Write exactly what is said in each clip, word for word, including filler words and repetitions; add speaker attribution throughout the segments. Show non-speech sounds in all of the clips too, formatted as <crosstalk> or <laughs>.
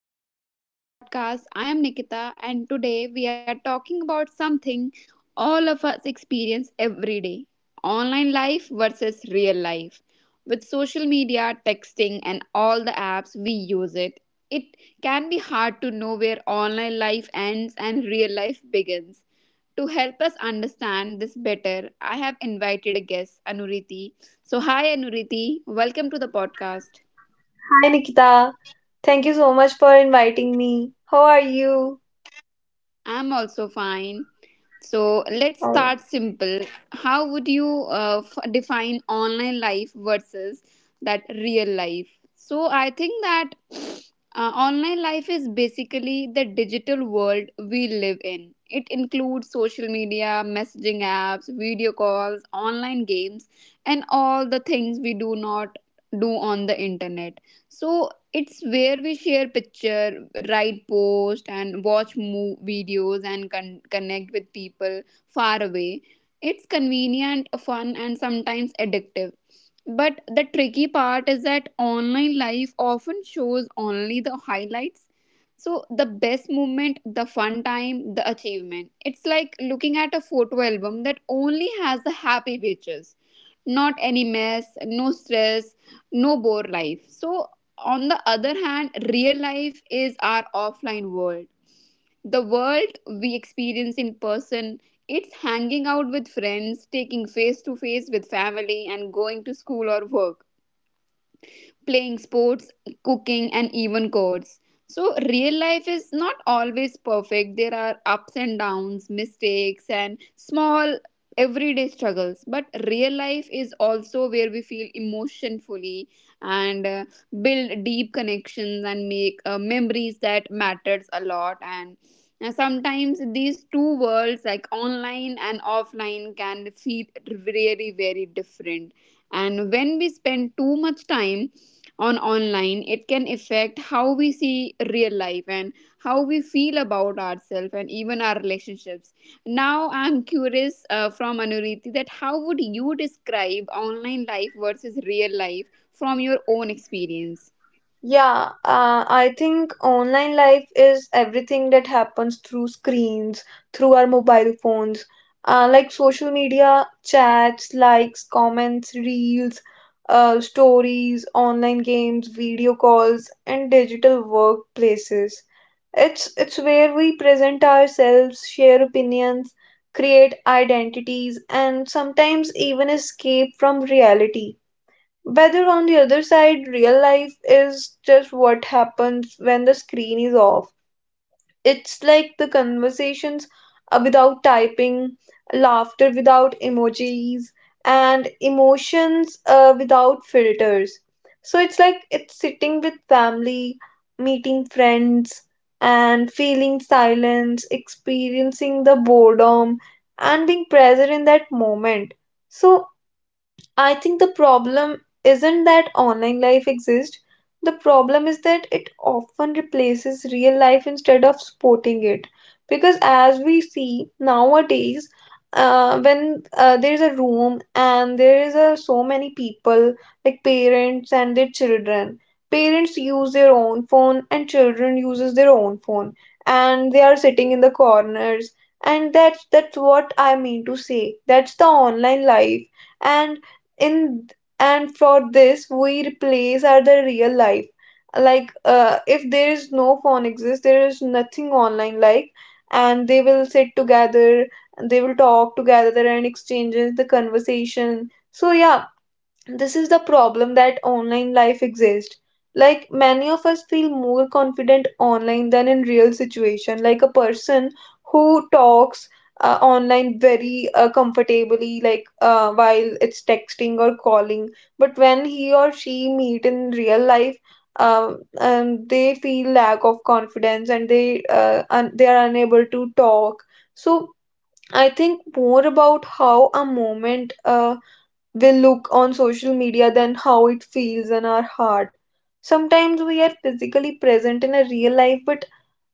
Speaker 1: welcome to our podcast. I am Nikita, and today we are talking about something all of us experience every day: online life versus real life. With social media, texting, and all the apps we use it, it can be hard to know where online life ends and real life begins. To help us understand this better, I have invited a guest, Anuriti. So, hi Anuriti, welcome to the podcast.
Speaker 2: Hi Nikita, thank you so much for inviting me. How are you?
Speaker 1: I'm also fine. So let's
Speaker 2: Oh.
Speaker 1: start simple. How would you uh, f- define online life versus that real life? So I think that uh, online life is basically the digital world we live in. It includes social media, messaging apps, video calls, online games, and all the things we do not do on the internet. So it's where we share picture, write post, and watch move videos, and con- connect with people far away. It's convenient, fun, and sometimes addictive, but the tricky part is that online life often shows only the highlights. So, the best moment, the fun time, the achievement. It's like looking at a photo album that only has the happy pictures, not any mess, no stress, no bore life. So, on the other hand, real life is our offline world, the world we experience in person. It's hanging out with friends, taking face to face with family, and going to school or work, playing sports, cooking, and even chords. So, real life is not always perfect. There are ups and downs, mistakes, and small everyday struggles. But real life is also where we feel emotionfully, and uh, build deep connections, and make uh, memories that matters a lot. And uh, sometimes these two worlds, like online and offline, can feel really very different. And when we spend too much time on online, it can affect how we see real life and how we feel about ourselves and even our relationships. Now I'm curious, uh, from Anuriti, that how would you describe online life versus real life from your own experience?
Speaker 2: Yeah, uh, I think online life is everything that happens through screens, through our mobile phones, uh, like social media, chats, likes, comments, reels, uh, stories, online games, video calls, and digital workplaces. It's it's where we present ourselves, share opinions, create identities, and sometimes even escape from reality. Whether on the other side, real life is just what happens when the screen is off. It's like the conversations uh, without typing, laughter without emojis, and emotions uh, without filters. So it's like it's sitting with family, meeting friends, and feeling silence, experiencing the boredom, and being present in that moment. So I think the problem isn't that online life exists. The problem is that it often replaces real life instead of supporting it. Because as we see nowadays, uh, when uh, there is a room and there is a, so many people, like parents and their children, parents use their own phone and children uses their own phone, and they are sitting in the corners. And that's that's what I mean to say. That's the online life and in and for this we replace are the real life like uh, if there is no phone exists, there is nothing online, like, and they will sit together, they will talk together and exchanges the conversation. So yeah, this is the problem that online life exists. Like many of us feel more confident online than in real situation. Like a person who talks uh, online very uh, comfortably, like uh, while it's texting or calling, but when he or she meet in real life, um, um, they feel lack of confidence and they uh, un- they are unable to talk. So I think more about how a moment uh, we look on social media than how it feels in our heart. Sometimes we are physically present in a real life but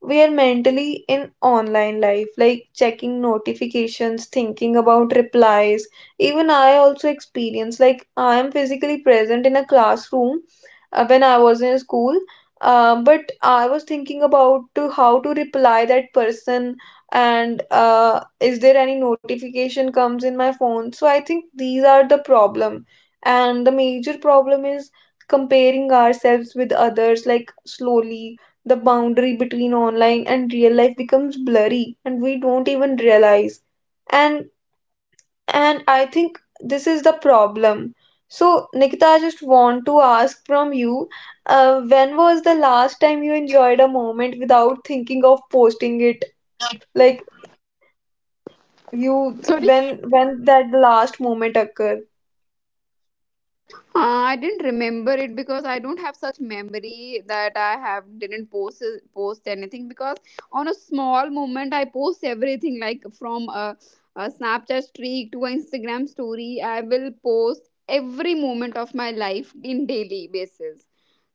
Speaker 2: we are mentally in online life, like checking notifications, thinking about replies. Even I also experience, like, I am physically present in a classroom uh, when I was in school, uh, but I was thinking about to how to reply that person and uh, is there any notification comes in my phone. So I think these are the problem, and the major problem is comparing ourselves with others, like slowly the boundary between online and real life becomes blurry and we don't even realize. And and I think this is the problem. So Nikita, I just want to ask from you, uh, when was the last time you enjoyed a moment without thinking of posting it? Like you
Speaker 1: Sorry.
Speaker 2: when when that last moment occurred?
Speaker 1: Uh, I didn't remember it because I don't have such memory that I have didn't post post anything, because on a small moment I post everything, like from a, a Snapchat streak to an Instagram story. I will post every moment of my life in daily basis.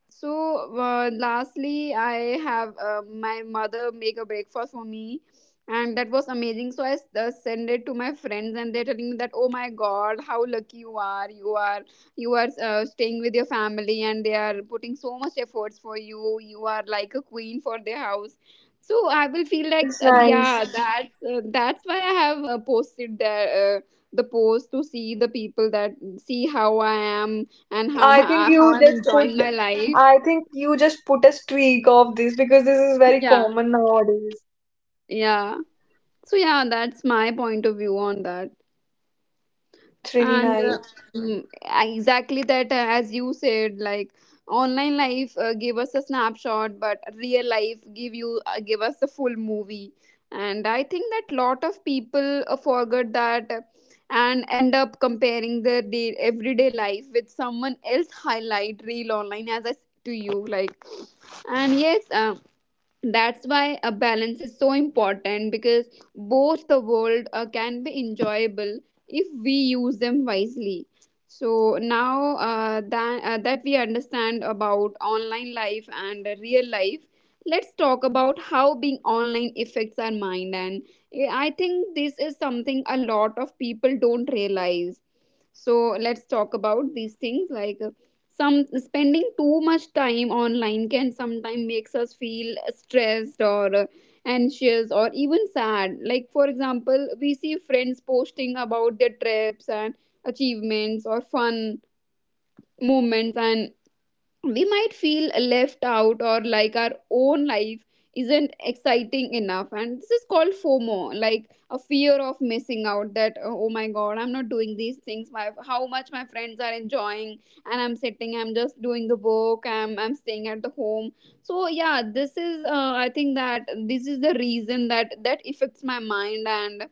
Speaker 1: So uh, lastly, I have uh, my mother make a breakfast for me, and that was amazing. So I s- uh, send it to my friends, and they're telling me that, oh my god, how lucky you are! You are you are uh, staying with your family, and they are putting so much efforts for you. You are like a queen for their house. So I will feel like
Speaker 2: That's
Speaker 1: uh, yeah,
Speaker 2: nice.
Speaker 1: that's uh, that's why I have uh, posted the uh, the post, to see the people that see how I am and
Speaker 2: Yeah,
Speaker 1: how
Speaker 2: I think
Speaker 1: my how
Speaker 2: you
Speaker 1: I'm
Speaker 2: just put
Speaker 1: enjoying my life.
Speaker 2: I think you just put a streak of this because this is very
Speaker 1: Yeah,
Speaker 2: common nowadays.
Speaker 1: yeah. So yeah, that's my point of view on that.
Speaker 2: That's really
Speaker 1: And uh,
Speaker 2: nice.
Speaker 1: mm, exactly that, uh, as you said, like online life uh, gave us a snapshot, but real life give you uh, give us the full movie. And I think that lot of people uh, forget that uh, and end up comparing their day, everyday life with someone else highlight real online, as I s- to you like. And yes. Um, that's why a balance is so important, because both the world uh, can be enjoyable if we use them wisely. So now uh, that, uh, that we understand about online life and real life, let's talk about how being online affects our mind. And eh, I think this is something a lot of people don't realize. So let's talk about these things. Like, some spending too much time online can sometimes makes us feel stressed or uh, anxious or even sad. Like, for example, we see friends posting about their trips and achievements or fun moments, and we might feel left out or like our own life isn't exciting enough. And this is called FOMO, like a fear of missing out, that uh, oh my god, I'm not doing these things, my how much my friends are enjoying, and i'm sitting i'm just doing the work, i'm i'm staying at the home. So yeah, this is uh, I think that this is the reason that that affects my mind. And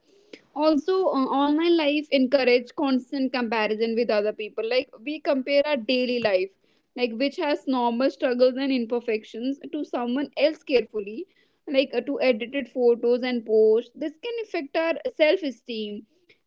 Speaker 1: also uh, online life encourage constant comparison with other people. Like we compare our daily life, like which has normal struggles and imperfections, to someone else carefully, like uh, to edited photos and posts. This can affect our self esteem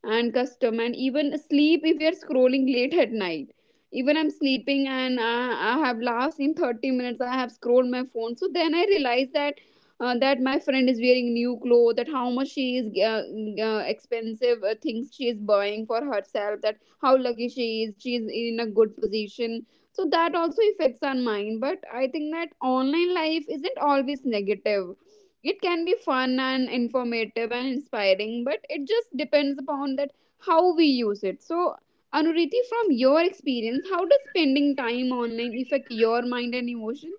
Speaker 1: and custom and even sleep if we are scrolling late at night. Even I'm sleeping, and uh, I have last in thirty minutes I have scrolled my phone. So then I realize that uh, that my friend is wearing new clothes, that how much she is uh, uh, expensive uh, things she is buying for herself, that how lucky she is, she is in a good position. So that also affects our mind. But I think that online life isn't always negative. It can be fun and informative and inspiring, but it just depends upon that how we use it. So, Anuriti, from your experience, how does spending time online affect your mind and emotion?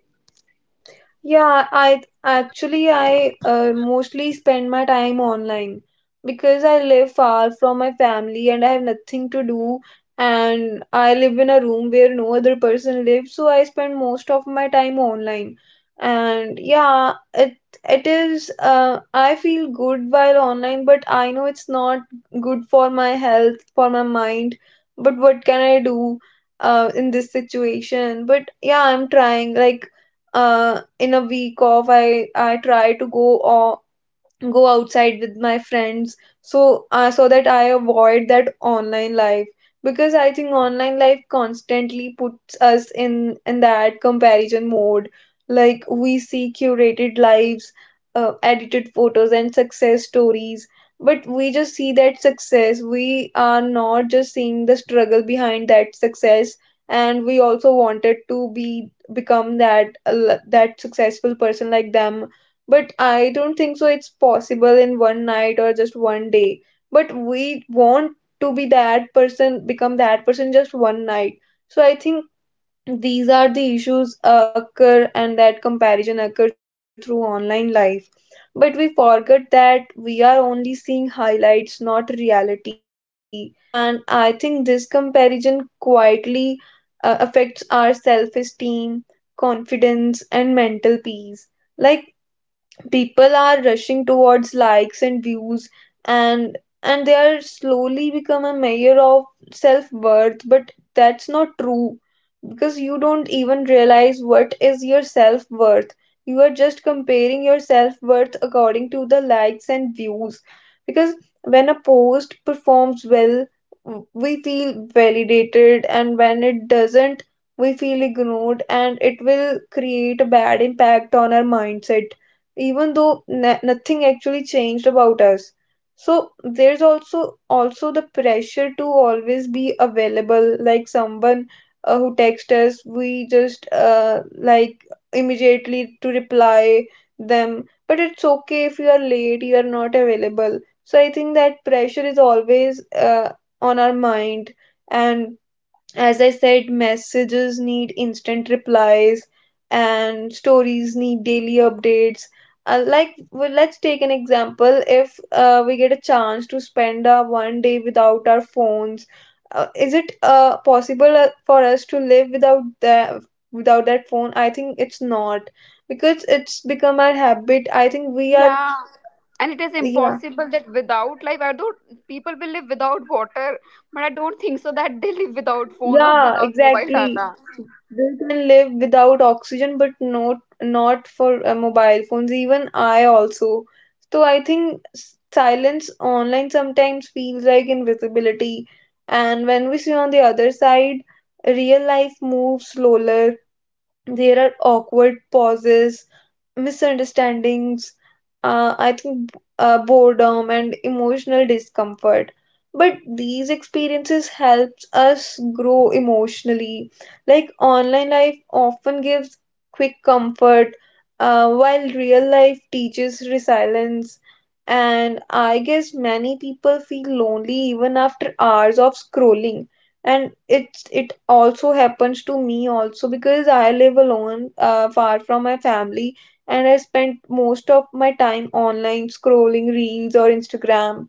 Speaker 2: Yeah, I actually I uh, mostly spend my time online because I live far from my family and I have nothing to do, and I live in a room where no other person lives, so I spend most of my time online. And yeah, it it is uh, I feel good while online, but I know it's not good for my health, for my mind. But what can I do uh, in this situation? But yeah, I'm trying, like uh, in a week off, I I try to go uh, go outside with my friends. So uh, so that I avoid that online life, because I think online life constantly puts us in in that comparison mode. Like we see curated lives, uh, edited photos and success stories, but we just see that success, we are not just seeing the struggle behind that success, and we also wanted to be become that uh, that successful person like them. But I don't think so it's possible in one night or just one day. But we want to be that person, become that person just one night. So I think these are the issues occur and that comparison occur through online life. But we forget that we are only seeing highlights, not reality. And I think this comparison quietly uh, affects our self-esteem, confidence, and mental peace. Like people are rushing towards likes and views, and and they are slowly become a measure of self-worth, but that's not true, because you don't even realize what is your self-worth. You are just comparing your self-worth according to the likes and views. Because when a post performs well, w- we feel validated, and when it doesn't, we feel ignored, and it will create a bad impact on our mindset, even though na nothing actually changed about us. So there's also also the pressure to always be available, like someone uh, who texts us, we just uh, like immediately to reply them. But it's okay if you are late, you are not available. So I think that pressure is always uh, on our mind. And as I said, messages need instant replies and stories need daily updates. Uh, like, well, let's take an example. If uh, we get a chance to spend uh, one day without our phones, uh, is it uh, possible uh, for us to live without that, without that phone? I think it's not, because it's become our habit. I think we are,
Speaker 1: And it is
Speaker 2: yeah.
Speaker 1: impossible that without life, I don't, people will live without water, but I don't think so that they live without phone or
Speaker 2: Yeah,
Speaker 1: without mobile
Speaker 2: exactly.
Speaker 1: data.
Speaker 2: They can live without oxygen, but not not for uh, mobile phones. Even I also. So I think s- silence online sometimes feels like invisibility, and when we see on the other side, real life moves slower. There are awkward pauses, misunderstandings, uh, I think uh, boredom and emotional discomfort. But these experiences helps us grow emotionally. Like online life often gives quick comfort, uh, while real life teaches resilience. And I guess many people feel lonely even after hours of scrolling, and it's it also happens to me also, because I live alone uh, far from my family, and I spend most of my time online scrolling reels or Instagram.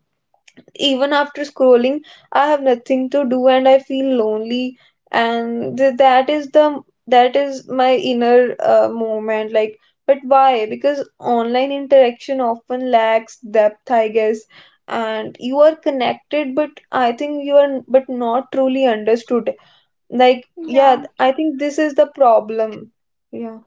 Speaker 2: Even after scrolling, I have nothing to do and I feel lonely. And th- that is the, that is my inner uh, moment. Like, but why? Because online interaction often lacks depth, I guess. And you are connected, but I think you are but not truly understood. Like,
Speaker 1: <laughs>
Speaker 2: yeah,
Speaker 1: Yeah.
Speaker 2: I think this is the problem. Yeah.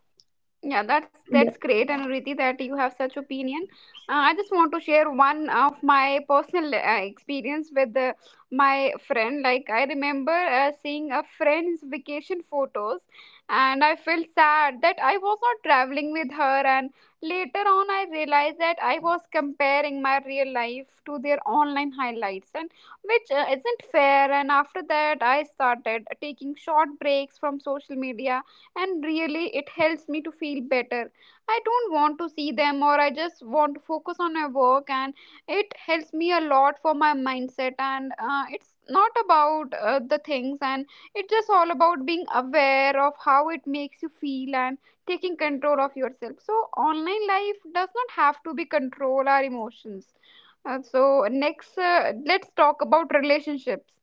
Speaker 1: Yeah, that's that's
Speaker 2: The-
Speaker 1: great, Anuruti, that you have such opinion. Uh, I just want to share one of my personal uh, experience with uh, my friend. Like, I remember uh, seeing a friend's vacation photos, and I felt sad that I was not traveling with her. And later on, I realized that I was comparing my real life to their online highlights, and which uh, isn't fair. And after that, I started taking short breaks from social media, and really it helps me to feel better. I don't want to see them, or I just want to focus on my work, and it helps me a lot for my mindset. And uh, it's not about uh, the things, and it's just all about being aware of how it makes you feel and taking control of yourself. So online life does not have to be control our emotions. Uh, so next uh, let's talk about relationships.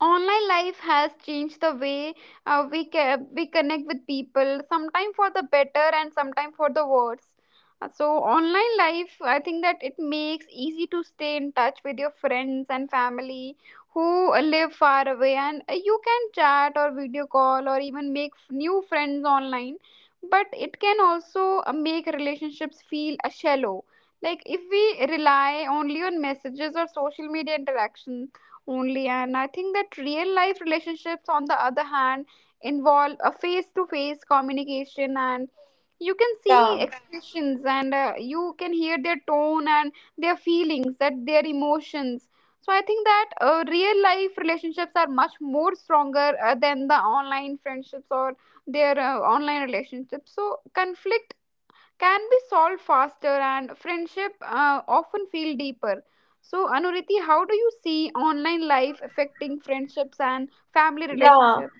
Speaker 1: Online life has changed the way uh, we ca- we connect with people, sometimes for the better and sometimes for the worse. Uh, so online life, I think that it makes easy to stay in touch with your friends and family who uh, live far away, and uh, you can chat or video call or even make f- new friends online. But it can also uh, make relationships feel uh, shallow, like if we rely only on messages or social media interactions only. And I think that real life relationships, on the other hand, involve a face to face communication, and you can see
Speaker 2: Yeah.
Speaker 1: expressions, and uh, you can hear their tone and their feelings, that their emotions. So I think that uh, real life relationships are much more stronger uh, than the online friendships or their uh, online relationships. So conflict can be solved faster, and friendship uh, often feel deeper. So, Anuriti, how do you see online life affecting friendships and family
Speaker 2: Yeah.
Speaker 1: relationships?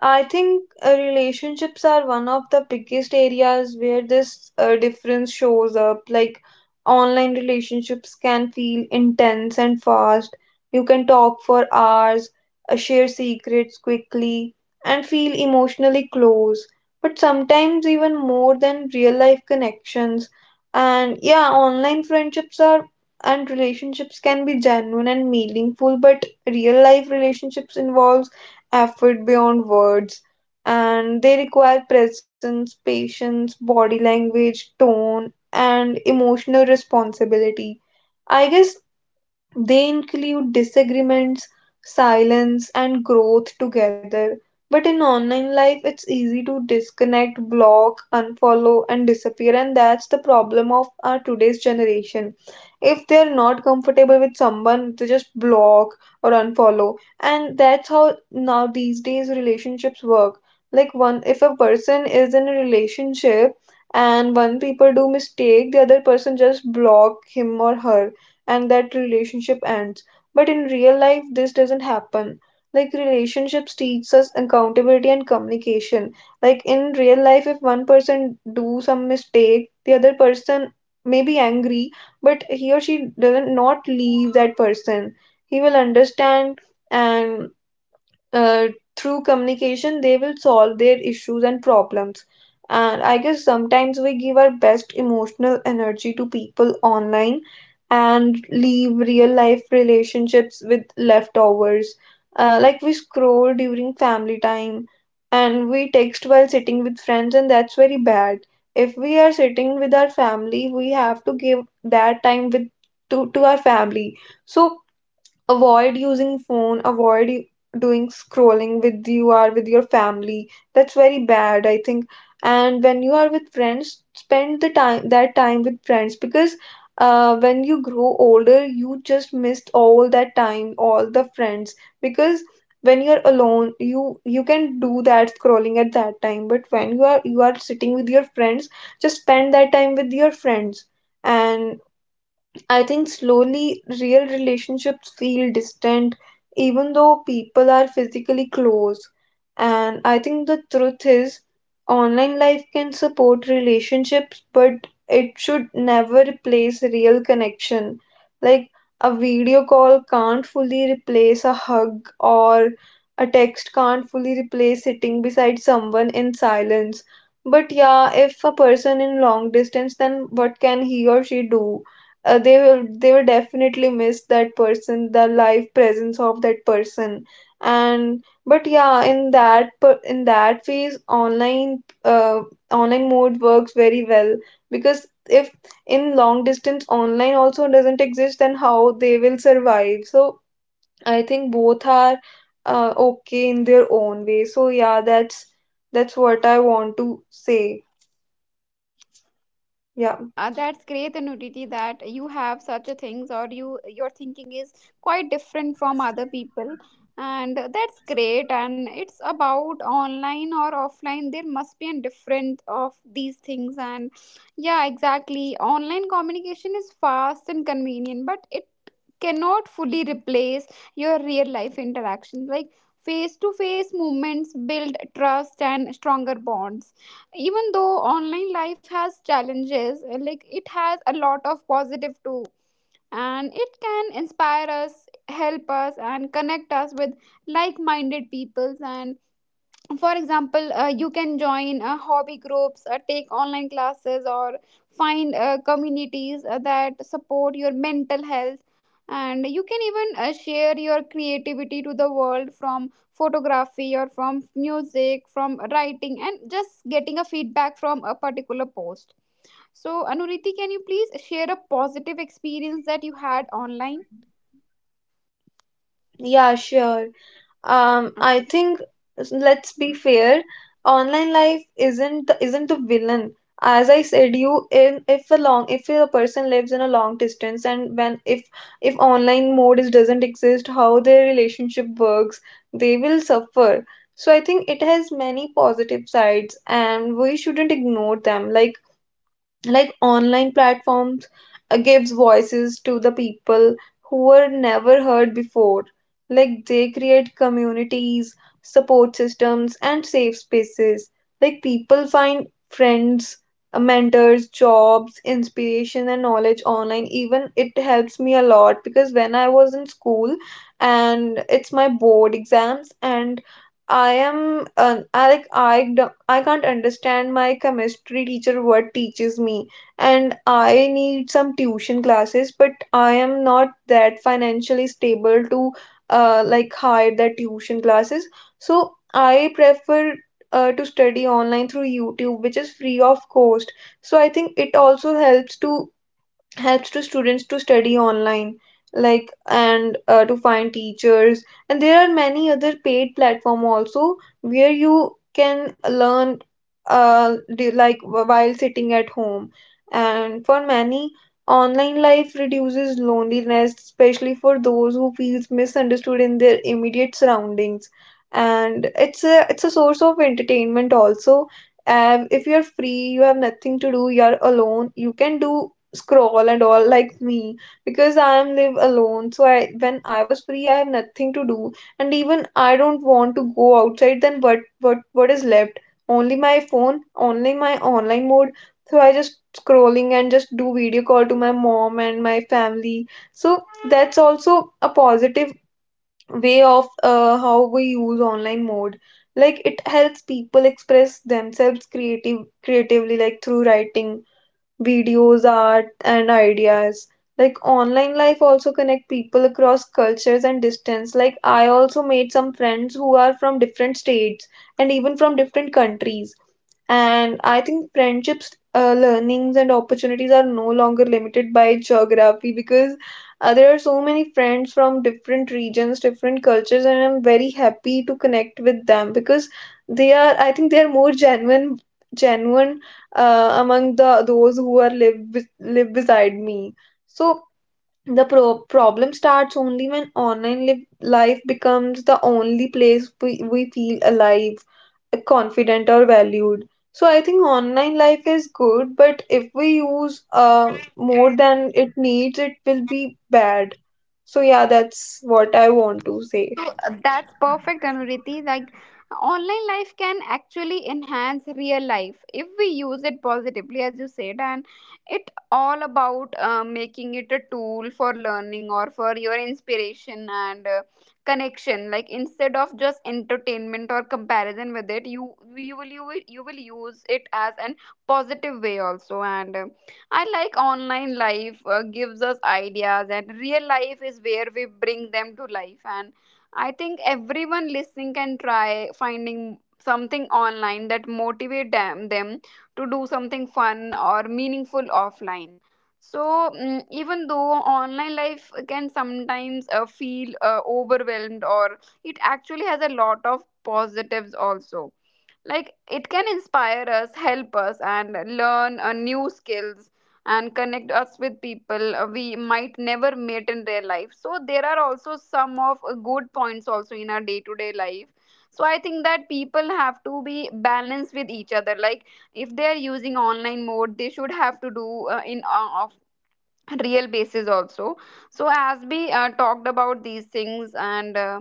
Speaker 2: I think uh, relationships are one of the biggest areas where this uh, difference shows up. Like online relationships can feel intense and fast. You can talk for hours, uh, share secrets quickly, and feel emotionally close. But sometimes even more than real life connections. And yeah, online friendships are and relationships can be genuine and meaningful, but real life relationships involve effort beyond words, and they require presence, patience, body language, tone, and emotional responsibility. I guess they include disagreements, silence, and growth together. But in online life, it's easy to disconnect, block, unfollow, and disappear, and that's the problem of our today's generation. If they're not comfortable with someone, they just block or unfollow, and that's how now these days relationships work. Like one, if a person is in a relationship and one people do mistake, the other person just block him or her, and that relationship ends. But in real life, this doesn't happen. Like relationships teach us accountability and communication. Like in real life, if one person do some mistake, the other person may be angry, but he or she doesn't not leave that person. He will understand, and uh, through communication they will solve their issues and problems. And I guess sometimes we give our best emotional energy to people online and leave real life relationships with leftovers. Uh, like, we scroll during family time and we text while sitting with friends, and that's very bad. If we are sitting with our family, we have to give that time with, to, to our family. So avoid using phone, avoid u- doing scrolling with, you are with your family. That's very bad, I think. And when you are with friends, spend the time, that time with friends, because uh, when you grow older, you just missed all that time, all the friends. Because when you're alone, you you can do that scrolling at that time. But when you are you are sitting with your friends, just spend that time with your friends. And I think slowly real relationships feel distant, even though people are physically close. And I think the truth is, online life can support relationships, but it should never replace real connection. Like a video call can't fully replace a hug, or a text can't fully replace sitting beside someone in silence. But yeah, if a person in long distance, then what can he or she do? uh, they will they will definitely miss that person, the live presence of that person. And but yeah in that per- in that phase, online uh, online mode works very well, because if in long distance online also doesn't exist, then how they will survive? So I think both are uh, okay in their own way, so yeah that's that's what I want to say. Yeah.
Speaker 1: Yeah, that's great, Nuditi, that you have such a things, or you your thinking is quite different from other people. And that's great. And it's about online or offline. There must be a different of these things. And yeah, exactly. Online communication is fast and convenient, but it cannot fully replace your real life interactions. Like face to face moments build trust and stronger bonds. Even though online life has challenges, uh, like, it has a lot of positive too, and it can inspire us, help us, and connect us with like-minded peoples. And for example, uh, you can join uh, hobby groups, uh, take online classes, or find uh, communities uh, that support your mental health. And you can even uh, share your creativity to the world, from photography or from music, from writing, and just getting a feedback from a particular post. So, Anuriti, can you please share a positive experience that you had online?
Speaker 2: Yeah, sure. Um, I think let's be fair. Online life isn't the, isn't the villain. As I said, you in if a long if a person lives in a long distance, and when if if online mode is doesn't exist, how their relationship works, they will suffer. So I think it has many positive sides and we shouldn't ignore them. Like like online platforms uh, gives voices to the people who were never heard before, like they create communities, support systems, and safe spaces. Like people find friends, uh, mentors, jobs, inspiration, and knowledge online. Even it helps me a lot, because when I was in school and it's my board exams, and I am uh, I like I do, not I can't understand my chemistry teacher what teaches me, and I need some tuition classes, but I am not that financially stable to uh, like hire the tuition classes. So I prefer uh, to study online through YouTube, which is free of cost. So I think it also helps to helps to students to study online, like and uh, to find teachers. And there are many other paid platform also where you can learn, uh, do- like while sitting at home. And for many, online life reduces loneliness, especially for those who feels misunderstood in their immediate surroundings. And it's a it's a source of entertainment also. Um, if you're free, you have nothing to do, you're alone, you can do scroll and all like me, because I am live alone. So I when I was free, I have nothing to do, and even I don't want to go outside. Then what what what is left? Only my phone, only my online mode. So I just scrolling and just do video call to my mom and my family. So that's also a positive way of uh, how we use online mode. Like it helps people express themselves creative creatively, like through writing, videos, art, and ideas. Like online life also connect people across cultures and distance. Like I also made some friends who are from different states and even from different countries. And I think friendships, uh, learnings, and opportunities are no longer limited by geography, because uh, there are so many friends from different regions, different cultures, and I'm very happy to connect with them because they are, I think, they are more genuine, genuine uh, among the those who are live with, live beside me. So the pro- problem starts only when online live- life becomes the only place we, we feel alive, confident, or valued. So I think online life is good, but if we use uh, more than it needs, it will be bad. So yeah, that's what I want to say.
Speaker 1: So uh, that's perfect, Anuriti. Like, online life can actually enhance real life if we use it positively, as you said, and it all about uh, making it a tool for learning or for your inspiration and uh, connection. Like, instead of just entertainment or comparison with it, you you will you will, you will use it as an positive way also. And uh, I like online life uh, gives us ideas, and real life is where we bring them to life. And I think everyone listening can try finding something online that motivate them, them to do something fun or meaningful offline. So mm, even though online life can sometimes uh, feel uh, overwhelmed or it actually has a lot of positives also, like it can inspire us, help us, and learn uh, new skills and connect us with people uh, we might never meet in their life. So there are also some of uh, good points also in our day to day life. So I think that people have to be balanced with each other. Like if they are using online mode, they should have to do uh, in uh, of real basis also. So as we uh, talked about these things, and uh,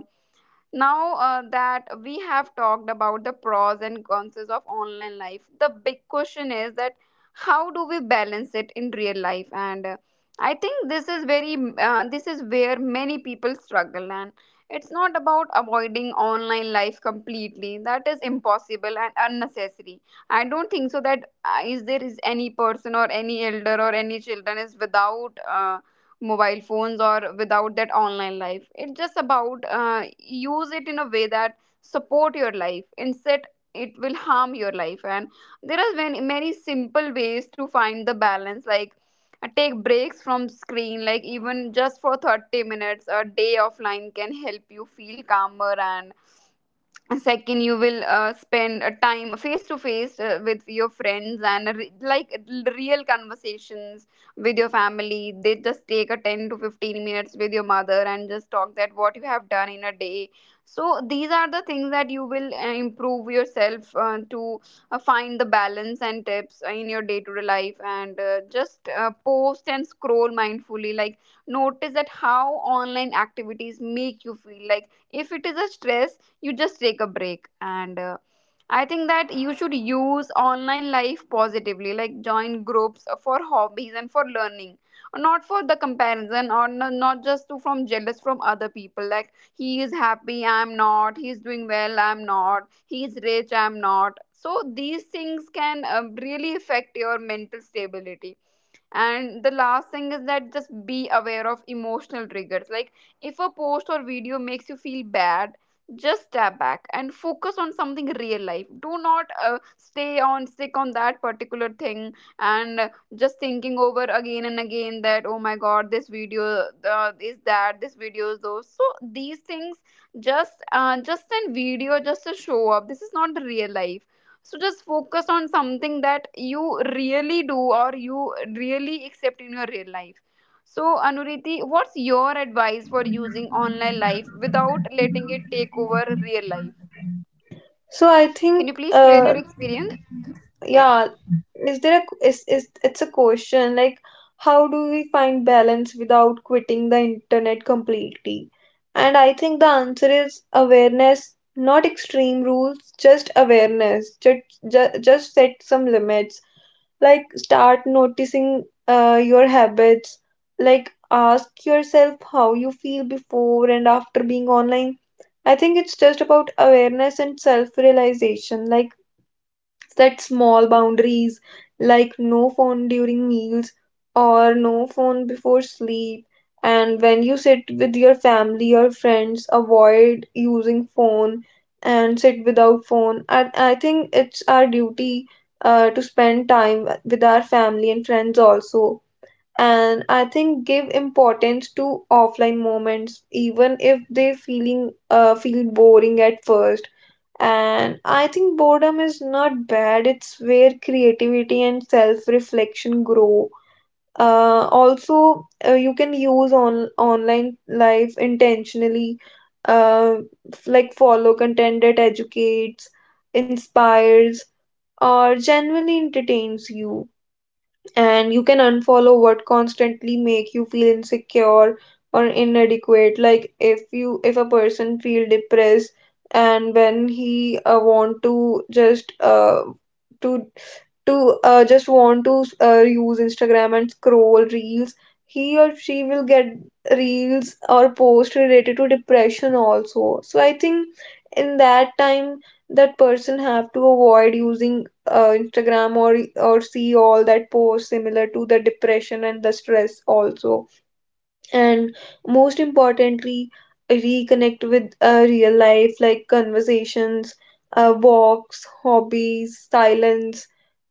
Speaker 1: now uh, that we have talked about the pros and cons of online life, the big question is that how do we balance it in real life? And uh, I think this is very uh, this is where many people struggle, and it's not about avoiding online life completely. That is impossible and unnecessary. I don't think so that uh, is there is any person or any elder or any children is without. Uh, mobile phones or without that online life, it's just about uh, use it in a way that support your life, instead it will harm your life. And there are many, many simple ways to find the balance, like uh, take breaks from screen, like even just for thirty minutes a day offline can help you feel calmer. And second, you will uh, spend a time face to face uh, with your friends, and a re- like real conversations with your family. They just take a ten to fifteen minutes with your mother and just talk that what you have done in a day. So these are the things that you will uh, improve yourself uh, to uh, find the balance and tips in your day to day life. And uh, just uh, post and scroll mindfully, like notice that how online activities make you feel. Like if it is a stress, you just take a break. And uh, I think that you should use online life positively, like join groups for hobbies and for learning, not for the comparison. Or no, not just to from jealous from other people, like he is happy, I'm not; he's doing well, I'm not; he's rich, I'm not. So these things can um, really affect your mental stability. And the last thing is that just be aware of emotional triggers. Like if a post or video makes you feel bad, just step back and focus on something real life. Do not uh, stay on sick on that particular thing. And uh, just thinking over again and again that, oh my god, this video uh, is that, this video is those. So these things, just uh, just in video, just to show up, this is not the real life. So just focus on something that you really do or you really accept in your real life. So, Anuriti, what's your advice for using online life without letting it take over real life?
Speaker 2: So I
Speaker 1: Can you
Speaker 2: think,
Speaker 1: please share your
Speaker 2: uh,
Speaker 1: experience? Yeah.
Speaker 2: yeah, is there a is, is it's a question like how do we find balance without quitting the internet completely? And I think the answer is awareness, not extreme rules, just awareness. Just just, just set some limits. Like start noticing uh, your habits, like ask yourself how you feel before and after being online. I think it's just about awareness and self realization. Like set small boundaries, like no phone during meals or no phone before sleep. And when you sit with your family or friends, avoid using phone and sit without phone. i, I think it's our duty uh, to spend time with our family and friends also. And I think give importance to offline moments, even if they feeling uh, feel boring at first. And I think boredom is not bad, it's where creativity and self-reflection grow. Uh, also, uh, you can use on online life intentionally, uh, f- like follow content that educates, inspires, or genuinely entertains you. And you can unfollow what constantly make you feel insecure or inadequate. Like if you if a person feel depressed, and when he uh, want to just uh, to to uh, just want to uh, use Instagram and scroll reels, he or she will get reels or posts related to depression also. So I think in that time that person have to avoid using uh, Instagram, or or see all that posts similar to the depression and the stress also. And most importantly, reconnect with uh, real life, like conversations, uh, walks, hobbies, silence.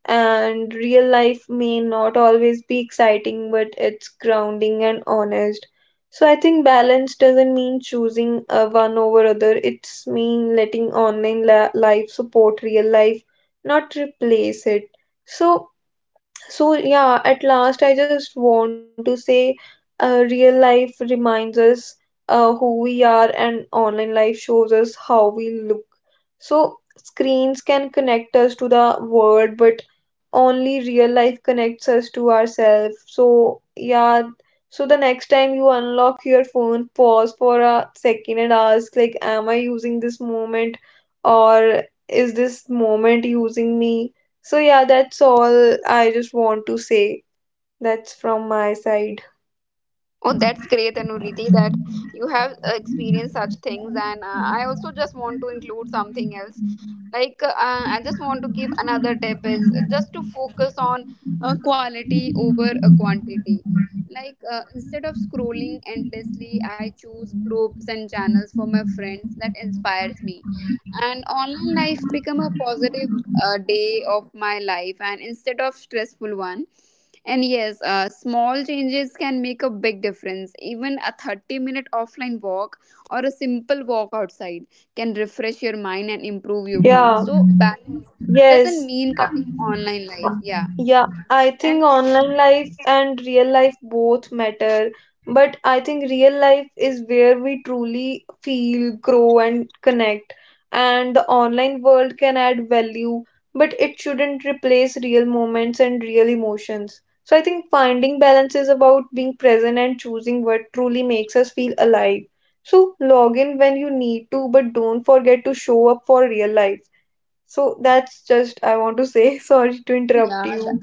Speaker 2: And real life may not always be exciting, but it's grounding and honest. So I think balance doesn't mean choosing uh, one over other. It's mean letting online la- life support real life, not replace it. So so, yeah, at last, I just want to say uh, real life reminds us uh, who we are, and online life shows us how we look. So screens can connect us to the world, but only real life connects us to ourselves. So, yeah, so the next time you unlock your phone, pause for a second and ask, like, am I using this moment, or is this moment using me? So yeah, that's all I just want to say. That's from my side.
Speaker 1: Oh, that's great, Anuriti, that you have uh, experienced such things. And uh, I also just want to include something else. Like, uh, I just want to give another tip is just to focus on uh, quality over uh, quantity. Like, uh, instead of scrolling endlessly, I choose groups and channels for my friends that inspires me. And online life become a positive uh, day of my life and instead of stressful one. And yes, uh, small changes can make a big difference. Even a thirty minute offline walk or a simple walk outside can refresh your mind and improve your mood.
Speaker 2: Yeah.
Speaker 1: So, balance doesn't
Speaker 2: Yes.
Speaker 1: mean cutting online life.
Speaker 2: I-
Speaker 1: Yeah.
Speaker 2: Yeah, I
Speaker 1: And
Speaker 2: think online life and real life both matter, but I think real life is where we truly feel, grow, and connect. And the online world can add value, but it shouldn't replace real moments and real emotions. So I think finding balance is about being present and choosing what truly makes us feel alive. So log in when you need to, but don't forget to show up for real life. So that's just I want to say <laughs> sorry to interrupt
Speaker 1: yeah,
Speaker 2: you.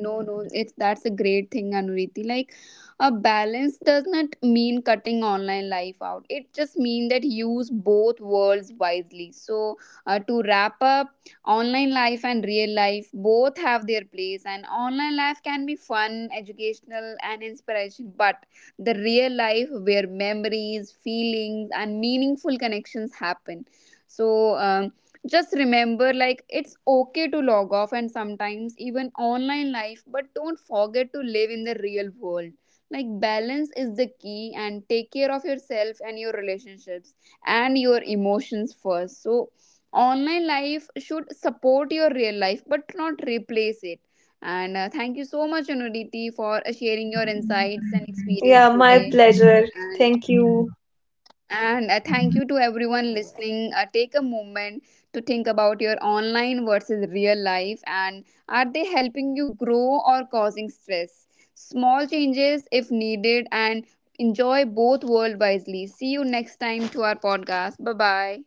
Speaker 1: no, no, it's that's a great thing, Anuriti. Like a balance does not mean cutting online life out. It just means that use both worlds wisely. So uh, to wrap up, online life and real life both have their place, and online life can be fun, educational, and inspiration. But the real life where memories, feelings, and meaningful connections happen. So um, just remember, like it's okay to log off and sometimes even online life, but don't forget to live in the real world. Like balance is the key, and take care of yourself and your relationships and your emotions first. So online life should support your real life but not replace it. And uh, thank you so much, Anuditi, for uh, sharing your insights and experience
Speaker 2: Yeah, my
Speaker 1: today.
Speaker 2: pleasure.
Speaker 1: and
Speaker 2: Thank you.
Speaker 1: and uh, thank you to everyone listening. Uh, take a moment to think about your online versus real life, and are they helping you grow or causing stress? Small changes if needed, and enjoy both world wisely. See you next time to our podcast. Bye bye.